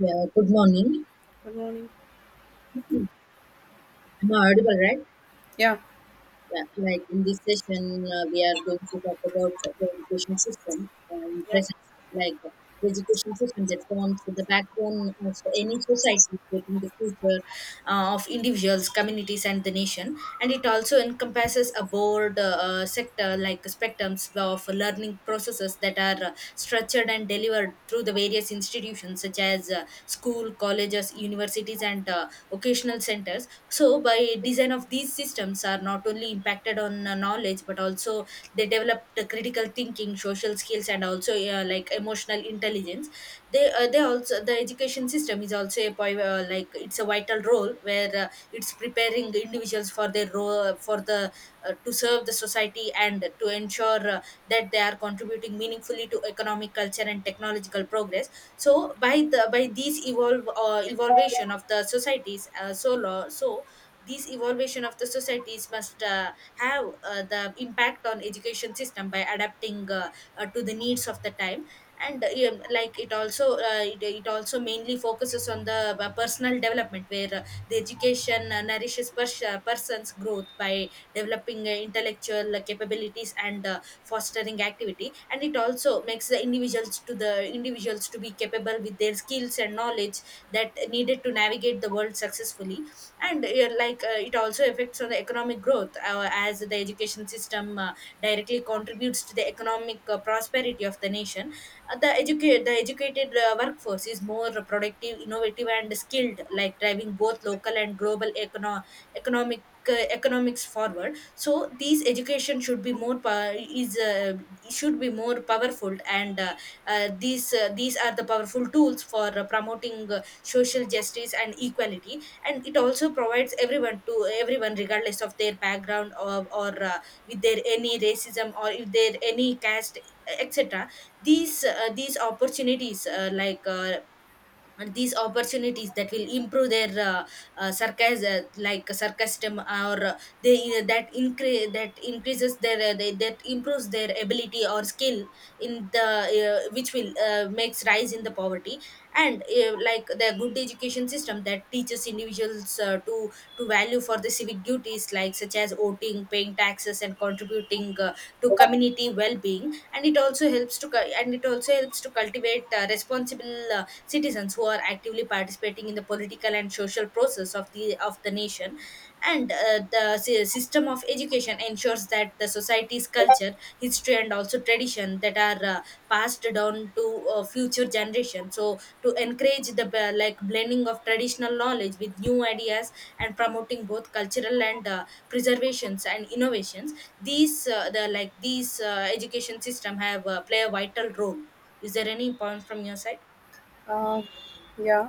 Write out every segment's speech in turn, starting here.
Yeah, good morning. Good morning. Am audible, right? Yeah Yeah, like in this session, we are going to talk about the education system in Yeah. present, like uh, the education system that forms the backbone of any society, shaping the future of individuals, communities, and the nation. And it also encompasses a broad sector, like spectrums of learning processes that are structured and delivered through the various institutions, such as school, colleges, universities, and occasional centers. So by design of these systems are not only impacted on knowledge but also they developed critical thinking social skills and also like emotional intelligence. They also the education system is also a like it's a vital role where it's preparing the individuals for their role for the to serve the society and to ensure that they are contributing meaningfully to economic culture and technological progress. So by the by these evolve evolution of the societies so law so these evolution of the societies must have the impact on education system by adapting to the needs of the time. And like it also it also mainly focuses on the personal development where the education nourishes person's growth by developing intellectual capabilities and fostering activity, and it also makes the individuals to be capable with their skills and knowledge that needed to navigate the world successfully. And it also affects on the economic growth as the education system directly contributes to the economic prosperity of the nation. The educated workforce is more productive innovative and skilled like driving both local and global economic economics forward. So these education should be more powerful and these are the powerful tools for promoting social justice and equality. And it also provides everyone regardless of their background or with their any racism or if there any caste, etc. These these opportunities and these opportunities that will improve their sarcasm, like sarcasm or they that increases their that improves their ability or skill in the which will makes rise in the poverty. And like the good education system that teaches individuals to value for the civic duties like such as voting paying taxes and contributing to community well-being. And it also helps to cultivate responsible citizens who are actively participating in the political and social process of the nation. And the system of education ensures that the society's culture history and also tradition that are passed down to future generations, so to encourage the like blending of traditional knowledge with new ideas and promoting both cultural and preservations and innovations. These uh, the like these uh, education system have play a vital role. Is there any point from your side? Uh, yeah,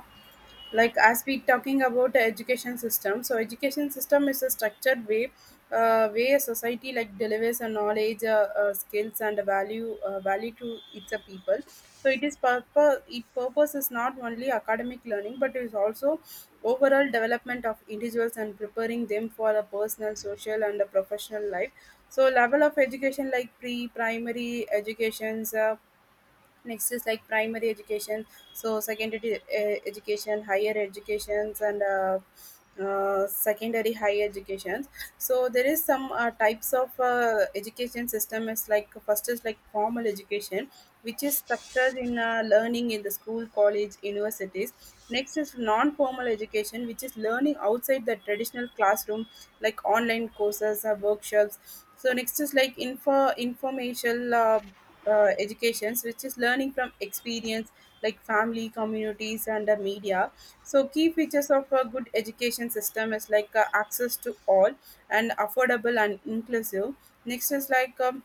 like as we talking about the education system, so education system is a structured way a society like delivers a knowledge skills and a value to its people. So it is purpose, it purpose is not only academic learning but it is also overall development of individuals and preparing them for a personal social and a professional life. So level of education, like pre primary educations. Next is like primary education. So secondary education, higher educations, and secondary higher educations. So there is some types of education system. Is like, first is like formal education, which is structured in learning in the school, college, universities. Next is non formal education, which is learning outside the traditional classroom, like online courses or workshops. So next is like informational educations, which is learning from experience, like family, communities, and media. So key features of a good education system is like access to all and affordable and inclusive. Next is like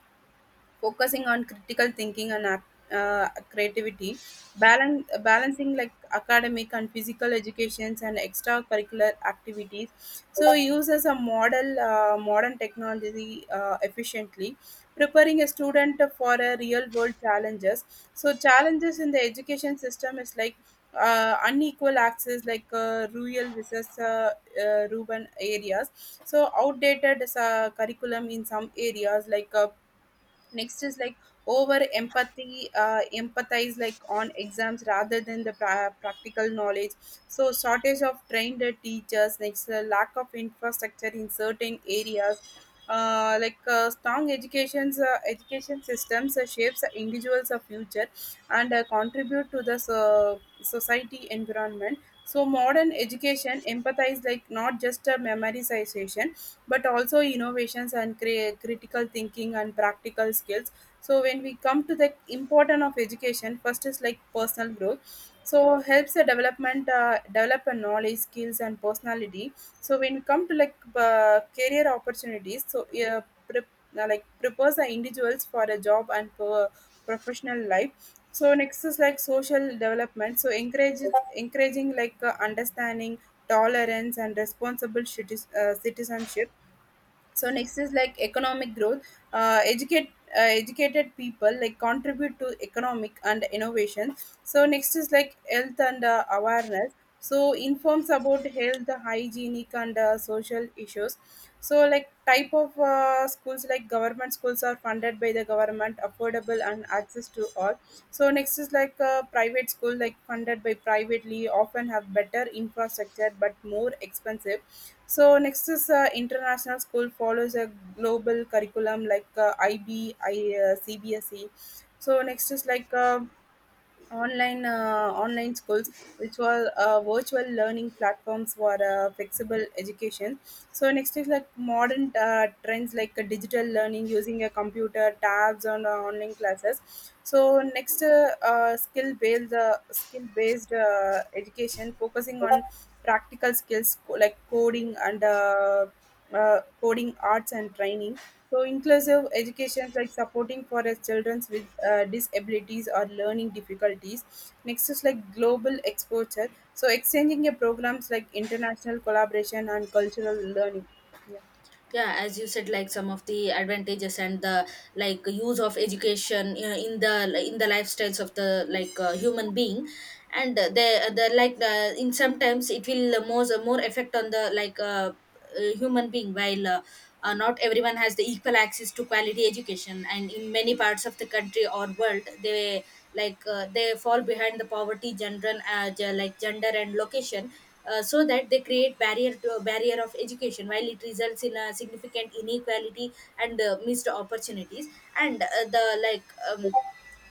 focusing on critical thinking and creativity. Balancing like academic and physical educations and extracurricular activities. So uses a model modern technology efficiently, preparing a student for a real world challenges. So challenges in the education system is like unequal access, like rural versus urban areas. So outdated curriculum in some areas, like next is like over empathy empathize like on exams rather than the practical knowledge. So shortage of trained teachers, next lack of infrastructure in certain areas. Like strong education systems shapes the individuals of future and contribute to the society environment. So modern education empathize, like not just a memorization but also innovations and critical thinking and practical skills. So when we come to the important of education, first is like personal growth, so helps the development, develop a knowledge, skills, and personality. So when we come to like career opportunities, so prep, prepares the individuals for a job and for professional life. So next is like social development, so encourage encouraging like understanding, tolerance, and responsible citizenship. So next is like economic growth. uh, educate Educated people like contribute to economic and innovation. So next is like health and awareness, so informs about health, hygienic, and social issues. So like type of schools, like government schools are funded by the government, affordable and access to all. So next is like a private school, like funded by privately, often have better infrastructure but more expensive. So next is international school, follows a global curriculum like IB, I, CBSE. So next is like online schools, which were virtual learning platforms for flexible education. So next is like modern trends, like digital learning using a computer tabs on online classes. So next skill based education focusing on practical skills, coding and coding, arts, and training. So inclusive education is like supporting for us children with disabilities or learning difficulties. Next is like global exposure. So exchanging a programs like international collaboration and cultural learning. Yeah. Yeah, as you said, like some of the advantages and the like use of education in the lifestyles of the like human being. And the like the in sometimes it will more effect on the human being while not everyone has the equal access to quality education, and in many parts of the country or world they they fall behind the poverty general like gender and location. So that they create barrier of education while it results in a significant inequality and missed opportunities. And the like um,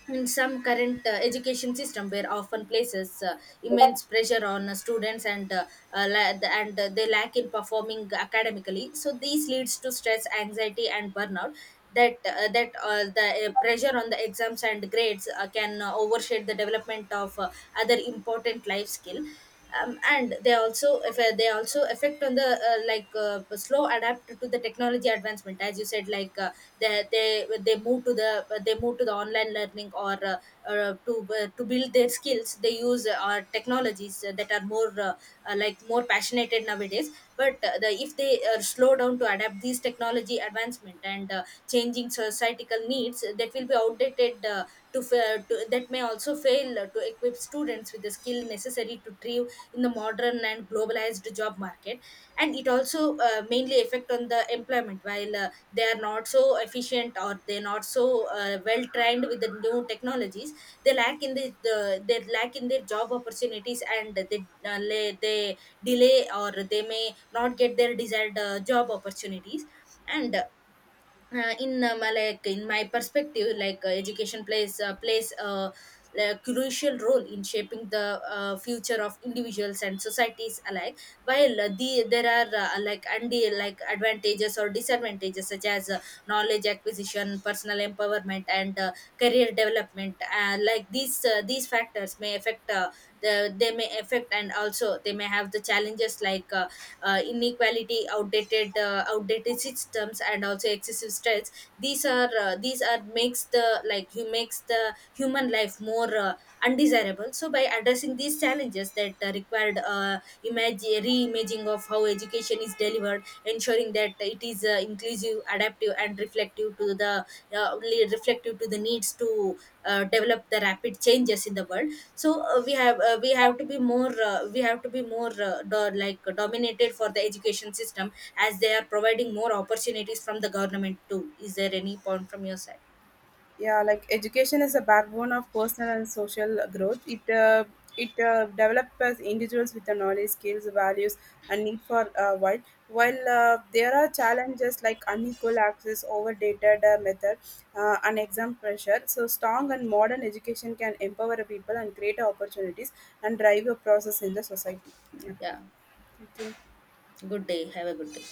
in some current education system where often places immense pressure on students and they lack in performing academically, so these leads to stress anxiety and burnout. That that The pressure on the exams and grades can overshadow the development of other important life skill. And they also if they also affect on the slow adapt to the technology advancement. As you said, like they move to the online learning, or uh, to to build their skills they use our technologies that are more like more passionate nowadays. But if they slow down to adapt these technology advancement and changing societal needs, that will be outdated to that may also fail to equip students with the skill necessary to thrive in the modern and globalized job market. And it also mainly affect on the employment while they are not so efficient or they're not so well trained with the new technologies. They lack in they lack in their job opportunities, and they they delay or they may not get their desired job opportunities. And like in my perspective, like education plays a like crucial role in shaping the future of individuals and societies alike. While there are like advantages or disadvantages such as knowledge acquisition personal empowerment and career development. Like these factors may affect they may affect, and also they may have the challenges like inequality outdated systems and also excessive stress. These are these are makes the like who makes the human life more undesirable. So by addressing these challenges that required reimagining of how education is delivered ensuring that it is inclusive adaptive and reflective to the reflective to the needs to develop the rapid changes in the world. So we have to be more we have to be more like dominated for the education system as they are providing more opportunities from the government too. Is there any point from your side? Yeah, like education is a backbone of personal and social growth. It develops individuals with the knowledge, skills, values, and need for while there are challenges like unequal access, overdated method, and exam pressure. So strong and modern education can empower people and create opportunities and drive a process in the society. Yeah, Yeah, thank you. good day. Have a good day.